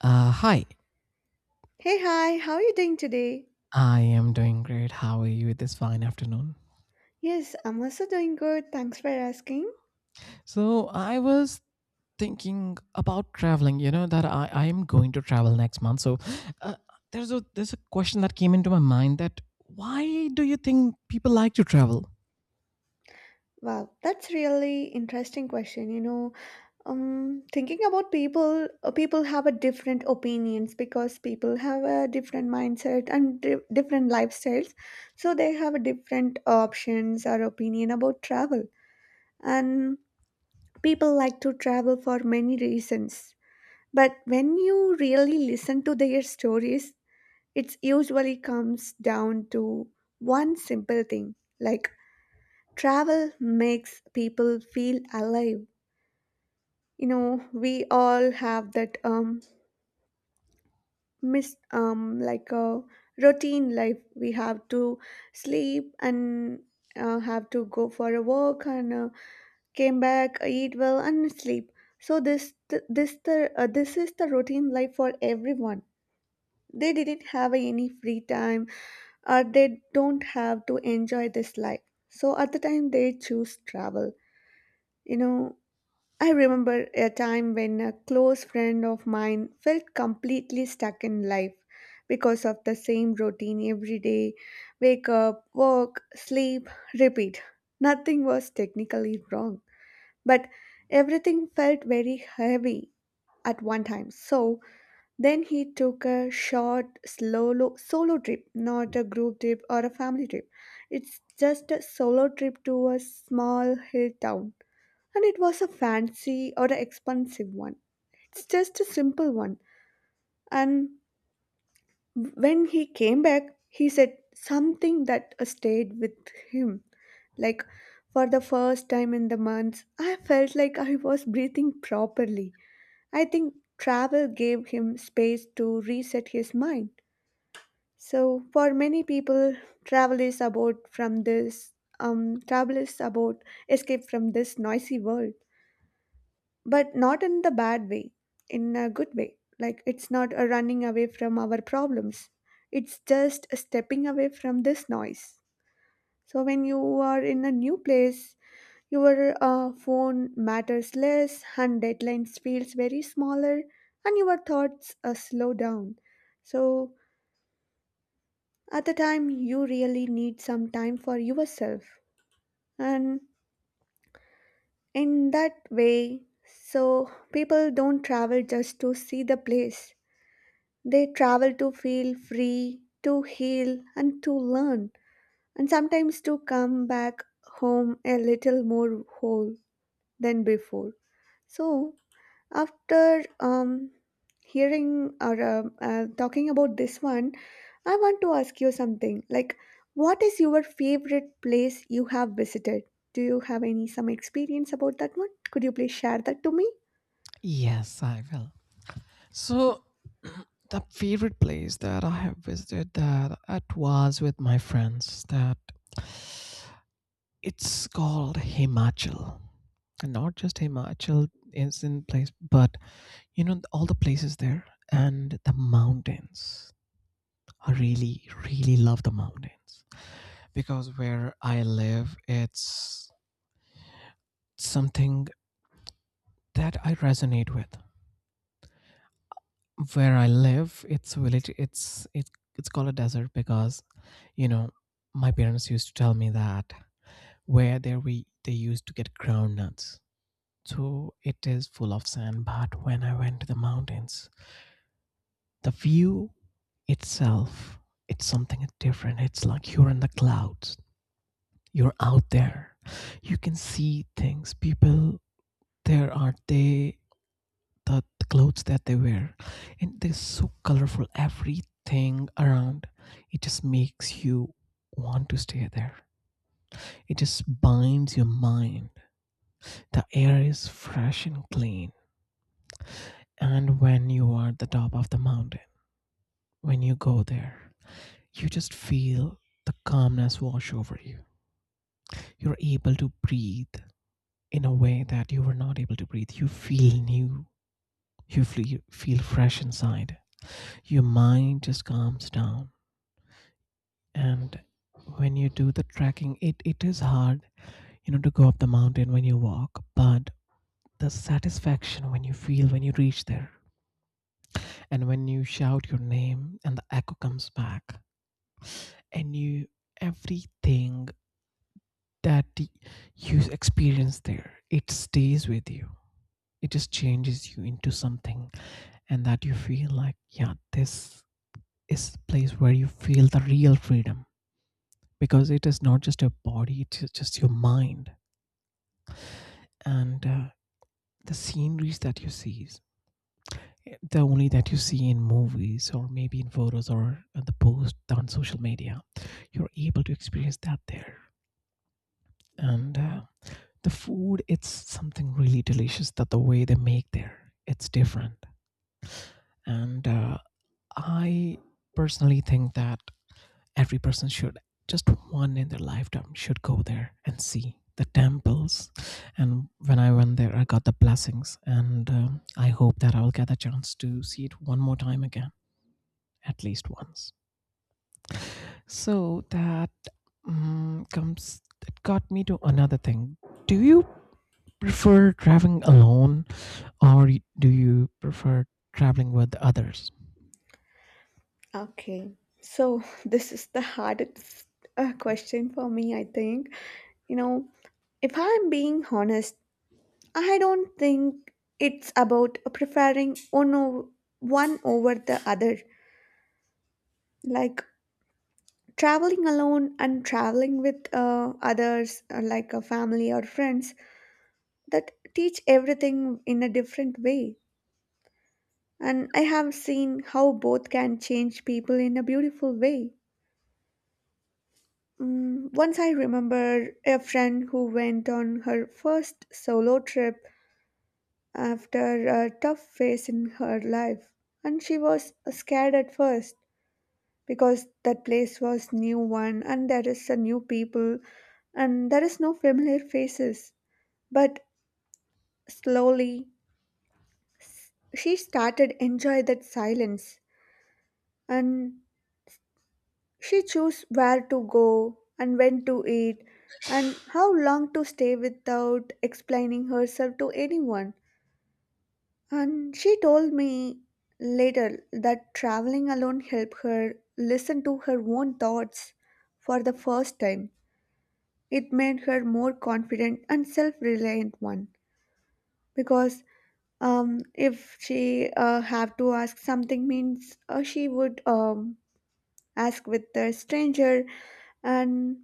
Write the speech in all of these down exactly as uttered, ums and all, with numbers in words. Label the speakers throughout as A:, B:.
A: Uh, hi,
B: Hey, hi, how are you doing today?
A: I am doing great. How are you this fine afternoon?
B: Yes, I'm also doing good. Thanks for asking.
A: So, I was thinking about traveling, you know, that I, I am going to travel next month. So, uh, there's a there's a question that came into my mind that why do you think people like to travel?
B: Wow, that's really interesting question. You know, um, thinking about people, uh, people have a different opinions because people have a different mindset and di- different lifestyles, so they have a different options or opinion about travel. And people like to travel for many reasons. But when you really listen to their stories, it usually comes down to one simple thing like travel makes people feel alive. You know, we all have that um miss um like a routine life. We have to sleep and uh, have to go for a walk and uh, came back, eat well and sleep. So this th- this the uh, this is the routine life for everyone. They didn't have any free time uh, they don't have to enjoy this life. So at the time they choose travel. You know, I remember a time when a close friend of mine felt completely stuck in life because of the same routine every day, wake up, work, sleep, repeat. Nothing was technically wrong, but everything felt very heavy at one time. So then he took a short solo, solo trip, not a group trip or a family trip. It's just a solo trip to a small hill town. And it was a fancy or an expensive one. It's just a simple one. And when he came back, he said something that uh, stayed with him. Like, for the first time in the months, I felt like I was breathing properly. I think travel gave him space to reset his mind. So for many people, travel is about from this um, travel is about escape from this noisy world, but not in the bad way, in a good way. Like it's not a running away from our problems. It's just a stepping away from this noise. So when you are in a new place, your uh, phone matters less, and deadlines feels very smaller, and your thoughts uh, slow down. So at the time, you really need some time for yourself. And in that way, so people don't travel just to see the place. They travel to feel free, to heal, and to learn, and sometimes to come back home a little more whole than before. So, After um, hearing or uh, uh, talking about this one, I want to ask you something. Like, what is your favorite place you have visited? Do you have any some experience about that one? Could you please share that to me?
A: Yes, I will. So, the favorite place that I have visited that it was with my friends that it's called Himachal. And not just Himachal is in place, but you know all the places there and the mountains. I really really love the mountains, because where I live it's something that I resonate with. Where I live it's village, it's it, it's called a desert because you know my parents used to tell me that where there we they used to get groundnuts, so it is full of sand. But when I went to the mountains, the view itself, it's something different. It's like you're in the clouds, you're out there, you can see things, people there, are they, the, the clothes that they wear, and they're so colorful. Everything around, it just makes you want to stay there. It just binds your mind. The air is fresh and clean, and when you are at the top of the mountain, when you go there, you just feel the calmness wash over you. You're able to breathe in a way that you were not able to breathe. You feel new. You feel, feel fresh inside. Your mind just calms down. And when you do the trekking, it, it is hard, you know, to go up the mountain when you walk, but the satisfaction when you feel, when you reach there, and when you shout your name and the echo comes back, and you, everything that you experience there, it stays with you. It just changes you into something, and that you feel like, yeah, this is the place where you feel the real freedom, because it is not just your body, it's just your mind. And uh, the sceneries that you see, the only that you see in movies or maybe in photos or the post on social media, you're able to experience that there. And uh, the food, it's something really delicious. That the way they make there, it's different. And uh, I personally think that every person should just one in their lifetime should go there and see the temples. And when I went there, I got the blessings, and um, I hope that I will get the chance to see it one more time again, at least once. So that um, comes, it got me to another thing. Do you prefer traveling alone, or do you prefer traveling with others?
B: Okay. So this is the hardest uh, question for me, I think. You know, if I'm being honest, I don't think it's about preferring one, o- no, one over the other. Like traveling alone and traveling with uh, others uh, like a family or friends, that teach everything in a different way, and I have seen how both can change people in a beautiful way. Mm, once I remember a friend who went on her first solo trip after a tough phase in her life, and she was scared at first because that place was new one and there is a new people and there is no familiar faces. But slowly she started enjoy that silence, and she chose where to go and when to eat and how long to stay without explaining herself to anyone. And she told me later that traveling alone helped her listen to her own thoughts for the first time. It made her more confident and self-reliant one because, Um, if she uh, have to ask something means, uh, she would um, ask with the stranger, and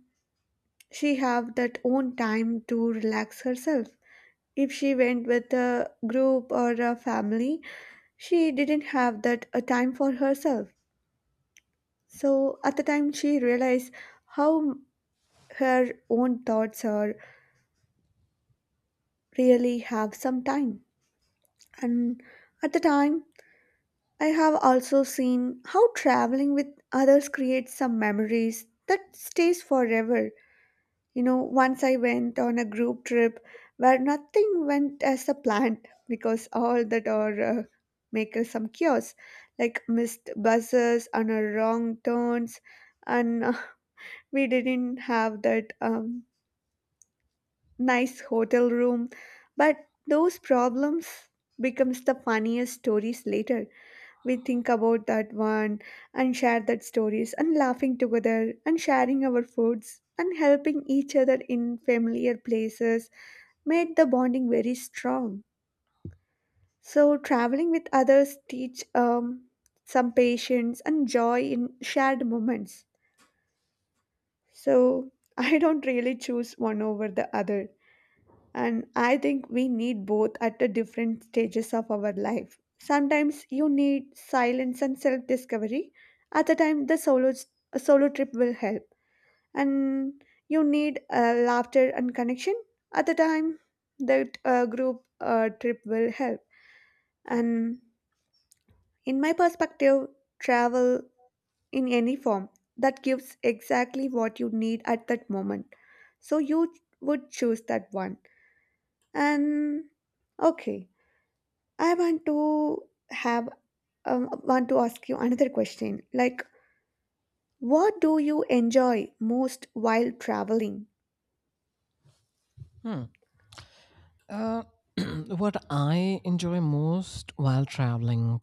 B: she have that own time to relax herself. If she went with a group or a family, she didn't have that a time for herself. So at the time she realized how her own thoughts are really have some time. And at the time, I have also seen how traveling with others creates some memories that stays forever. You know, once I went on a group trip where nothing went as a planned because all that are uh, make us some chaos, like missed buses and uh, wrong turns, and uh, we didn't have that um, nice hotel room. But those problems becomes the funniest stories later. We think about that one and share that stories and laughing together and sharing our foods and helping each other in familiar places made the bonding very strong. So traveling with others teach um, some patience and joy in shared moments. So I don't really choose one over the other. And I think we need both at the different stages of our life. Sometimes you need silence and self discovery. At the time, the solo, solo trip will help. And you need uh, laughter and connection. At the time, that uh, group uh, trip will help. And in my perspective, travel in any form that gives exactly what you need at that moment. So you would choose that one. And okay. I want to have um, want to ask you another question. Like, what do you enjoy most while traveling?
A: Hmm. Uh, what I enjoy most while traveling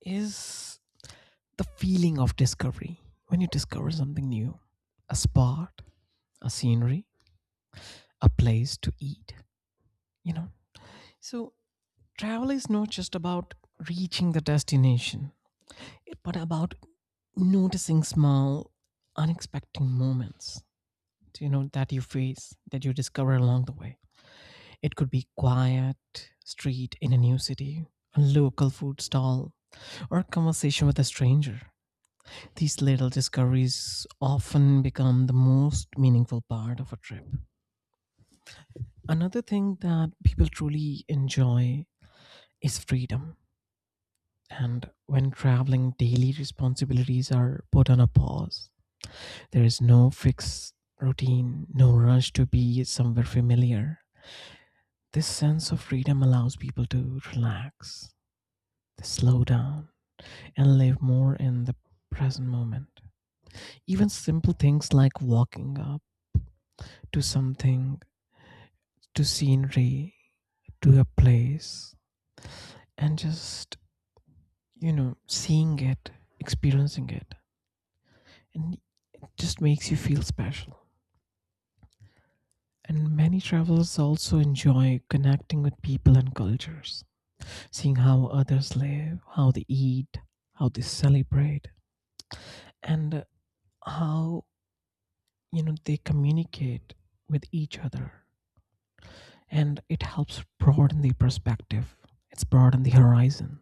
A: is the feeling of discovery. When you discover something new, a spot, a scenery, a place to eat, you know so travel is not just about reaching the destination, it- but about noticing small unexpected moments you know that you face, that you discover along the way. It could be quiet street in a new city, a local food stall, or a conversation with a stranger. These little discoveries often become the most meaningful part of a trip. Another thing that people truly enjoy is freedom. And when traveling, daily responsibilities are put on a pause. There is no fixed routine, no rush to be somewhere familiar. This sense of freedom allows people to relax, to slow down, and live more in the present moment. Even simple things like walking up to something, to scenery, to a place, and just, you know, seeing it, experiencing it, and it just makes you feel special. And many travelers also enjoy connecting with people and cultures, seeing how others live, how they eat, how they celebrate, and how you know they communicate with each other. And it helps broaden the perspective. It's broaden the horizon.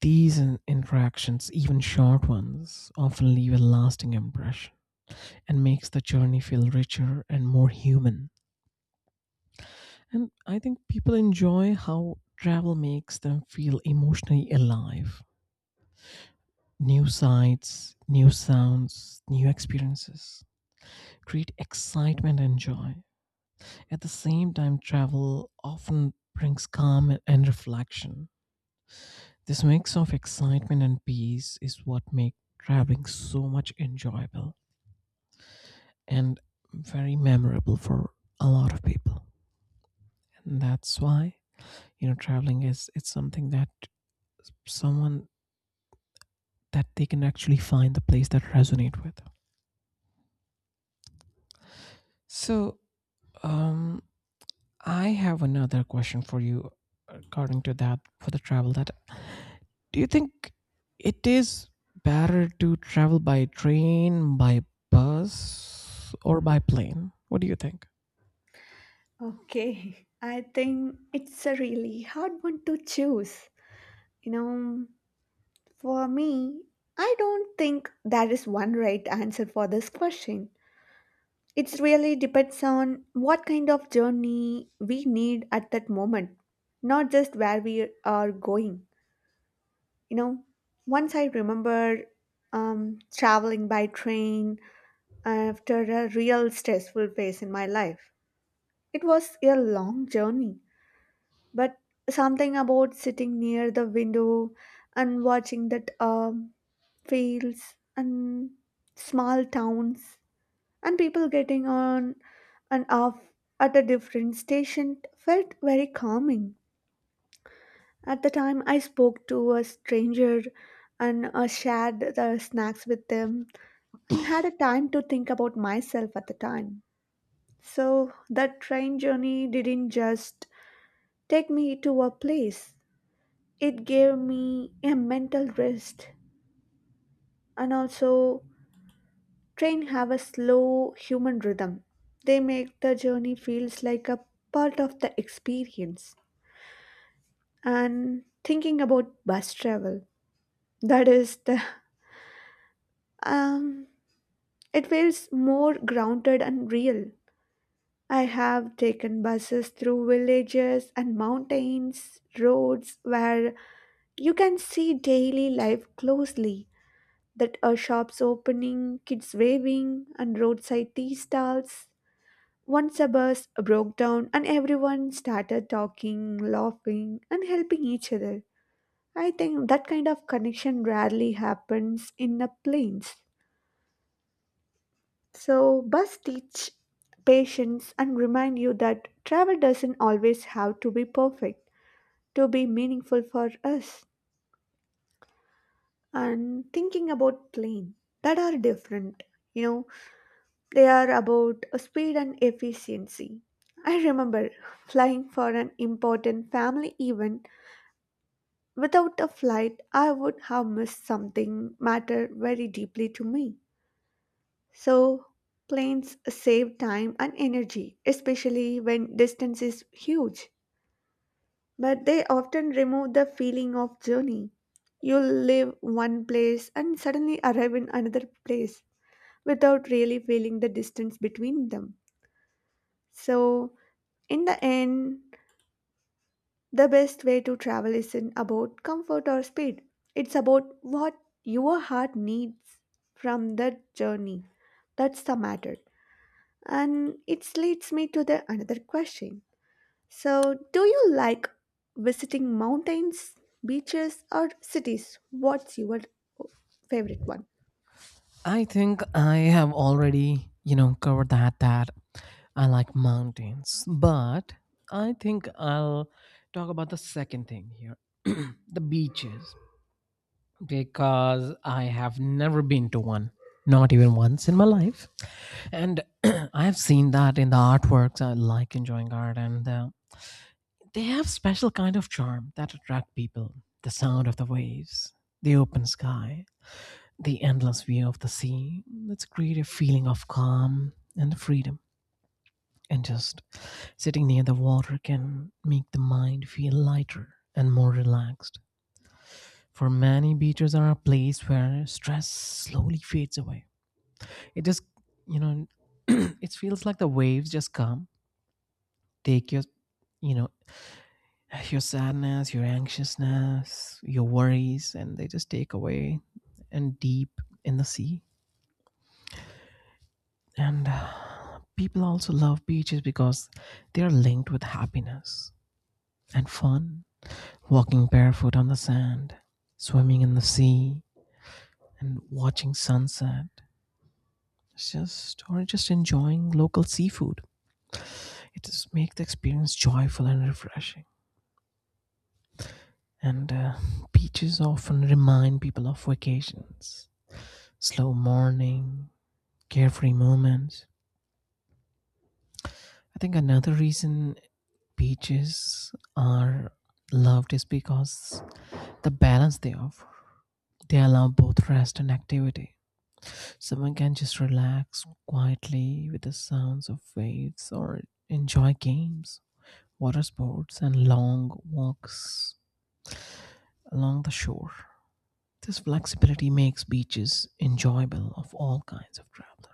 A: These in- interactions, even short ones, often leave a lasting impression and makes the journey feel richer and more human. And I think people enjoy how travel makes them feel emotionally alive. New sights, new sounds, new experiences create excitement and joy. At the same time, travel often brings calm and and reflection. This mix of excitement and peace is what makes traveling so much enjoyable and very memorable for a lot of people. And that's why, you know, traveling is it's something that someone that they can actually find the place that resonate with. So um I have another question for you. According to that, for the travel, that do you think it is better to travel by train, by bus, or by plane? What do you think?
B: Okay, I think it's a really hard one to choose. You know, for me, I don't think there is one right answer for this question. It really depends on what kind of journey we need at that moment, not just where we are going. You know, once I remember um, traveling by train after a real stressful phase in my life. It was a long journey, but something about sitting near the window and watching that um, fields and small towns and people getting on and off at a different station felt very calming. At the time, I spoke to a stranger and uh, shared the snacks with them and had a time to think about myself at the time. So, that train journey didn't just take me to a place, it gave me a mental rest. And also, train have a slow human rhythm. They make the journey feels like a part of the experience. And thinking about bus travel, that is the um it feels more grounded and real. I have taken buses through villages and mountains, roads where you can see daily life closely. That are shops opening, kids waving, and roadside tea stalls. Once a bus broke down and everyone started talking, laughing, and helping each other. I think that kind of connection rarely happens in the plains. So, bus teach patience and remind you that travel doesn't always have to be perfect to be meaningful for us. And thinking about plane, that are different, you know, they are about speed and efficiency. I remember flying for an important family event. Without a flight, I would have missed something matter very deeply to me. So, planes save time and energy, especially when distance is huge. But they often remove the feeling of journey. You leave one place and suddenly arrive in another place without really feeling the distance between them. So, in the end, the best way to travel isn't about comfort or speed, it's about what your heart needs from that journey. That's the matter. And it leads me to the another question. So, do you like visiting mountains, beaches, or cities? What's your favorite one?
A: I think I have already you know covered that that I like mountains, but I think I'll talk about the second thing here. The beaches, because I have never been to one, not even once in my life. And I have seen that in the artworks. I like enjoying art, and uh, they have special kind of charm that attract people. The sound of the waves, the open sky, the endless view of the sea. Let's create a feeling of calm and freedom. And just sitting near the water can make the mind feel lighter and more relaxed. For many, beaches are a place where stress slowly fades away. It just, you know, it feels like the waves just come, take your, you know, your sadness, your anxiousness, your worries, and they just take away and deep in the sea. And uh, people also love beaches because they are linked with happiness and fun. Walking barefoot on the sand, swimming in the sea, and watching sunset. It's just or just enjoying local seafood. It just makes the experience joyful and refreshing. And uh, beaches often remind people of vacations, slow morning, carefree moments. I think another reason beaches are loved is because the balance they offer. They allow both rest and activity. Someone can just relax quietly with the sounds of waves, or enjoy games, water sports, and long walks along the shore. This flexibility makes beaches enjoyable of all kinds of travelers.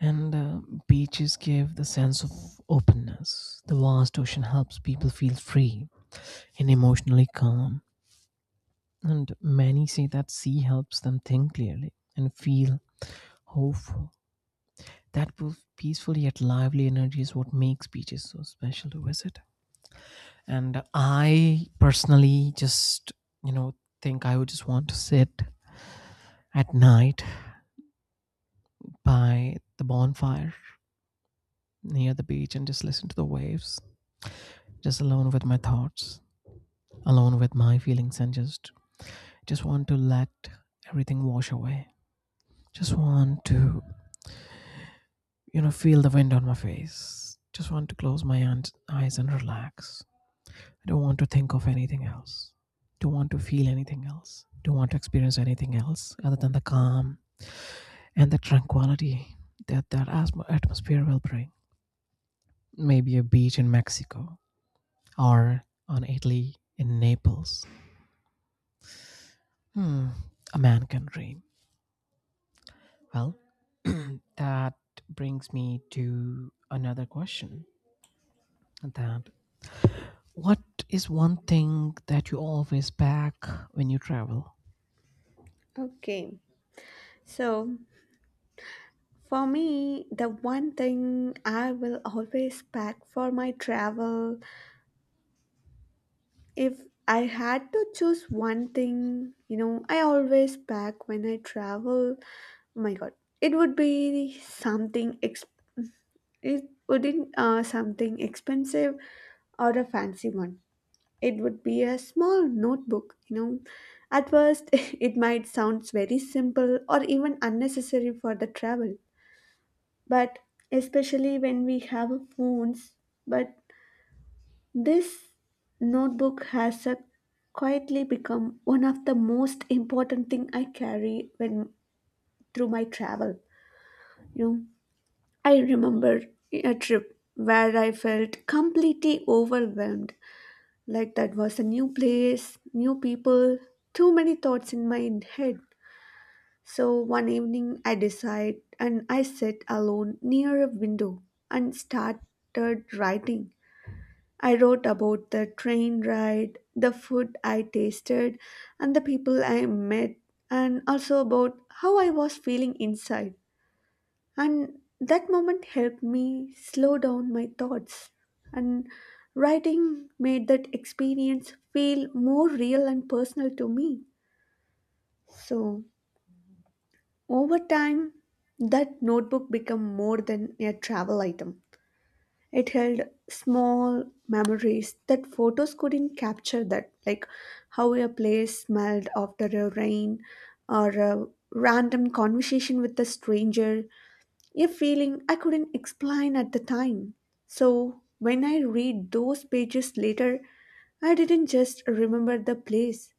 A: And uh, beaches give the sense of openness. The vast ocean helps people feel free and emotionally calm. And many say that sea helps them think clearly and feel hopeful. That peaceful yet lively energy is what makes beaches so special to visit. And I personally just, you know, think I would just want to sit at night by the bonfire near the beach and just listen to the waves, just alone with my thoughts, alone with my feelings, and just just want to let everything wash away. Just want to, you know, feel the wind on my face. Just want to close my aunt- eyes and relax. I don't want to think of anything else. Don't want to feel anything else. Don't want to experience anything else other than the calm and the tranquility that that atmosphere will bring. Maybe a beach in Mexico, or on Italy in Naples. Hmm, a man can dream. Well, that brings me to another question, that what is one thing that you always pack when you travel?
B: Okay. So, for me, the one thing I will always pack for my travel, if I had to choose one thing, you know, I always pack when I travel. Oh my god, it would be something ex- it wouldn't uh, something expensive or a fancy one. It would be a small notebook, you know. At first, it might sound very simple or even unnecessary for the travel, but especially when we have phones. But this notebook has a quietly become one of the most important thing I carry when through my travel, you know. I remember a trip where I felt completely overwhelmed, like that was a new place, new people, too many thoughts in my head. So one evening I decide and I sat alone near a window and started writing. I wrote about the train ride, the food I tasted, and the people I met, and also about how I was feeling inside. And that moment helped me slow down my thoughts. And writing made that experience feel more real and personal to me. So, over time, that notebook became more than a travel item. It held small memories that photos couldn't capture, that, like how a place smelled after a rain, or a random conversation with a stranger, a feeling I couldn't explain at the time. So, when I read those pages later, I didn't just remember the place,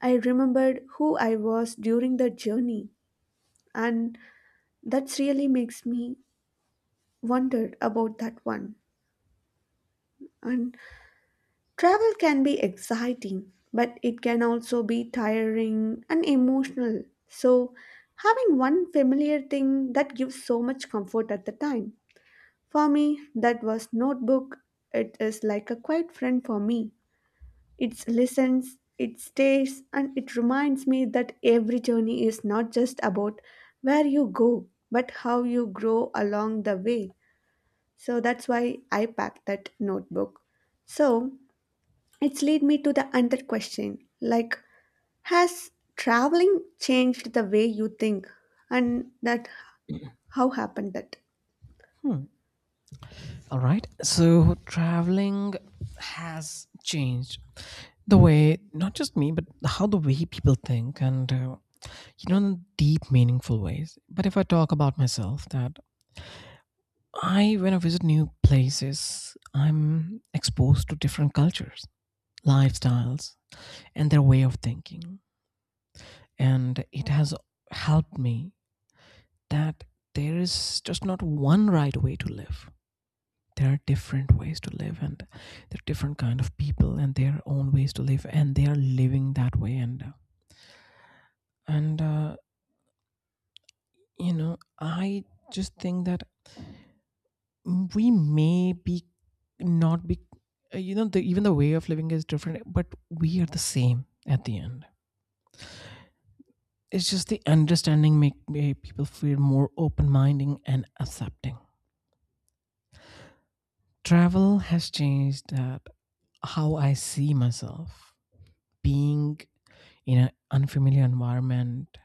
B: I remembered who I was during the journey, and that really makes me wonder about that one. And travel can be exciting, but it can also be tiring and emotional. So, having one familiar thing that gives so much comfort at the time. For me, that was notebook. It is like a quiet friend for me. It listens, it stays, and it reminds me that every journey is not just about where you go, but how you grow along the way. So that's why I pack that notebook. So it's lead me to the another question, like, has traveling changed the way you think, and that how happened that?
A: All right. So traveling has changed the way not just me, but how the way people think, and uh, you know, in deep, meaningful ways. But if I talk about myself, that I, when I visit new places, I'm exposed to different cultures, lifestyles, and their way of thinking. And it has helped me that there is just not one right way to live. There are different ways to live, and there are different kind of people and their own ways to live, and they are living that way. And and uh, you know, I just think that Mm, we may be not be uh, you know the, even the way of living is different, but we are the same at the end. It's just the understanding make, make people feel more open-minded and accepting. Travel has changed that, how I see myself, being in an unfamiliar environment.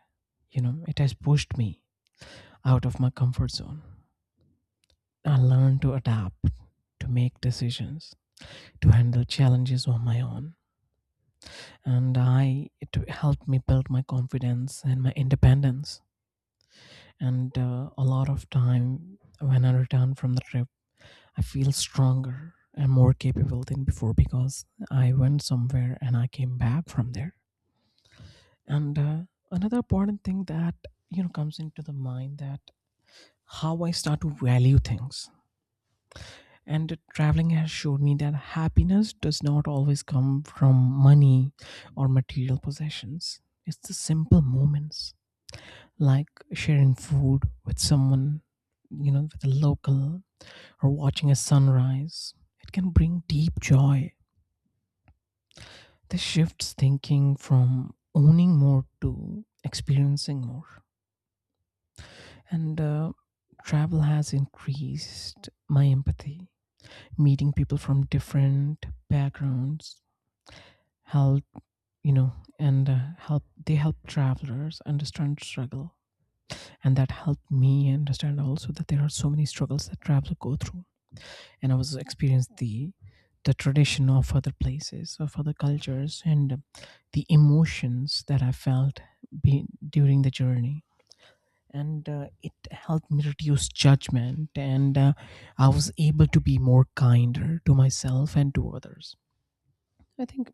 A: you know it has pushed me out of my comfort zone. I learned to adapt, to make decisions, to handle challenges on my own, and I it helped me build my confidence and my independence. And uh, a lot of time when I return from the trip, I feel stronger and more capable than before, because I went somewhere and I came back from there. And uh, another important thing that you know comes into the mind, that how I start to value things. And traveling has showed me that happiness does not always come from money or material possessions. It's the simple moments, like sharing food with someone, you know, with a local, or watching a sunrise. It can bring deep joy. This shifts thinking from owning more to experiencing more. And uh, travel has increased my empathy. Meeting people from different backgrounds help, you know, and uh, help they help travelers understand struggle, and that helped me understand also that there are so many struggles that travelers go through. And I was experienced the the tradition of other places, of other cultures, and um, the emotions that I felt be, during the journey. And uh, it helped me reduce judgment, and uh, I was able to be more kinder to myself and to others. I think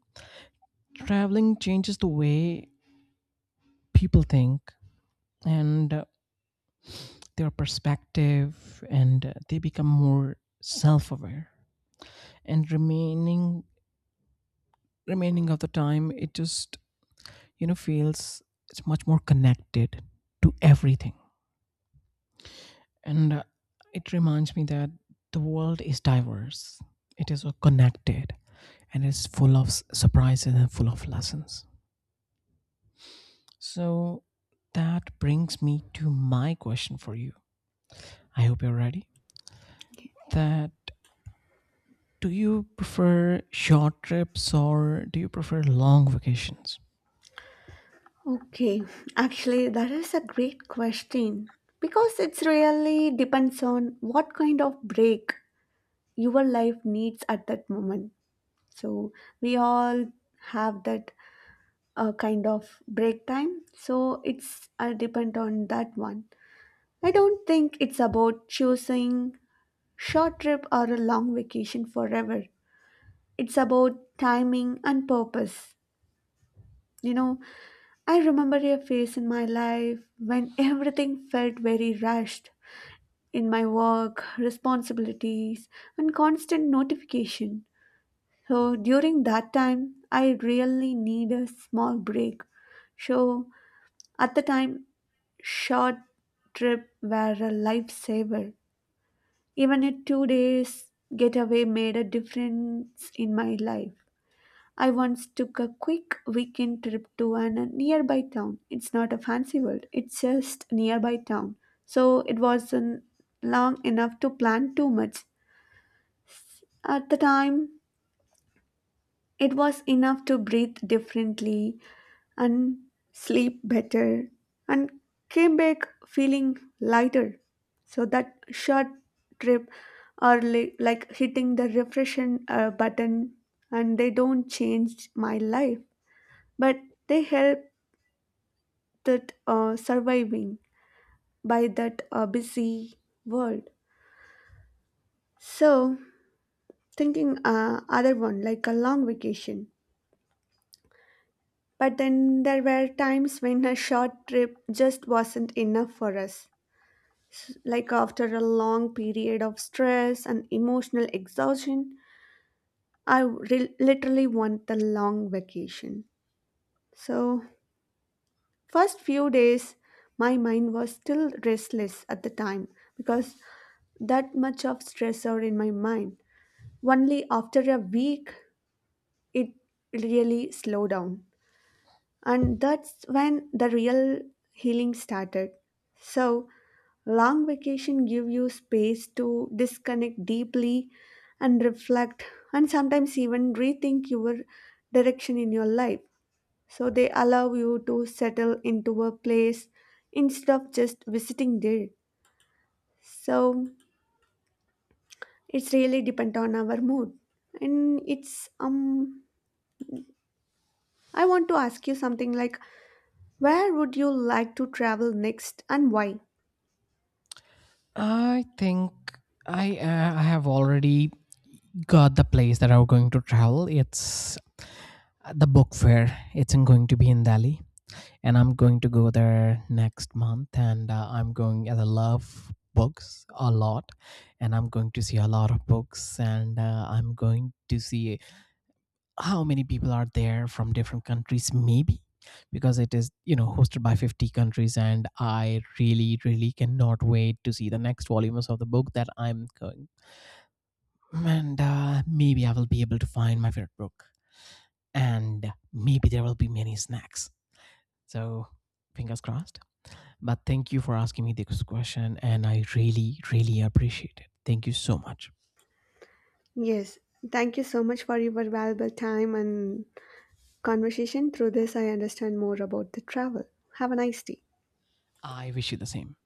A: traveling changes the way people think, and uh, their perspective, and uh, they become more self-aware. And remaining remaining of the time, it just you know feels it's much more connected to everything. And uh, it reminds me that the world is diverse, it is uh, connected, and it's full of s- surprises and full of lessons. So that brings me to my question for you. I hope you're ready, that do you prefer short trips, or do you prefer long vacations?
B: Okay, actually, that is a great question because it really depends on what kind of break your life needs at that moment. So, we all have that uh, kind of break time, so it's uh, depend on that one. I don't think it's about choosing short trip or a long vacation forever. It's about timing and purpose. You know, I remember a phase in my life when everything felt very rushed, in my work, responsibilities, and constant notification. So during that time, I really need a small break. So at the time, short trip were a lifesaver. Even a two days getaway made a difference in my life. I once took a quick weekend trip to an a nearby town. It's not a fancy world, it's just nearby town. So it wasn't long enough to plan too much. At the time, it was enough to breathe differently and sleep better and came back feeling lighter. So that short trip are li- like hitting the refresh uh, button, and they don't change my life, but they help that uh, surviving by that uh, busy world. So thinking uh, other one like a long vacation. But then there were times when a short trip just wasn't enough for us. S- Like after a long period of stress and emotional exhaustion, I re- literally want the long vacation. So first few days, my mind was still restless at the time because that much of stressor in my mind. Only after a week it really slowed down. And that's when the real healing started. So, long vacation give you space to disconnect deeply and reflect and sometimes even rethink your direction in your life. So they allow you to settle into a place instead of just visiting there. So it's really depend on our mood. And it's, um I want to ask you something, like, where would you like to travel next and why?
A: I think I uh, I have already got the place that I'm going to travel. It's the book fair. It's in, going to be in Delhi, and I'm going to go there next month. And uh, I'm going as I love books a lot, and I'm going to see a lot of books. And uh, I'm going to see how many people are there from different countries, maybe, because it is you know hosted by fifty countries. And I really really cannot wait to see the next volumes of the book that I'm going. And uh, maybe I will be able to find my favorite book, and maybe there will be many snacks. So fingers crossed. But thank you for asking me this question, and I really, really appreciate it. Thank you so much.
B: Yes, thank you so much for your valuable time and conversation. Through this, I understand more about the travel. Have a nice day.
A: I wish you the same.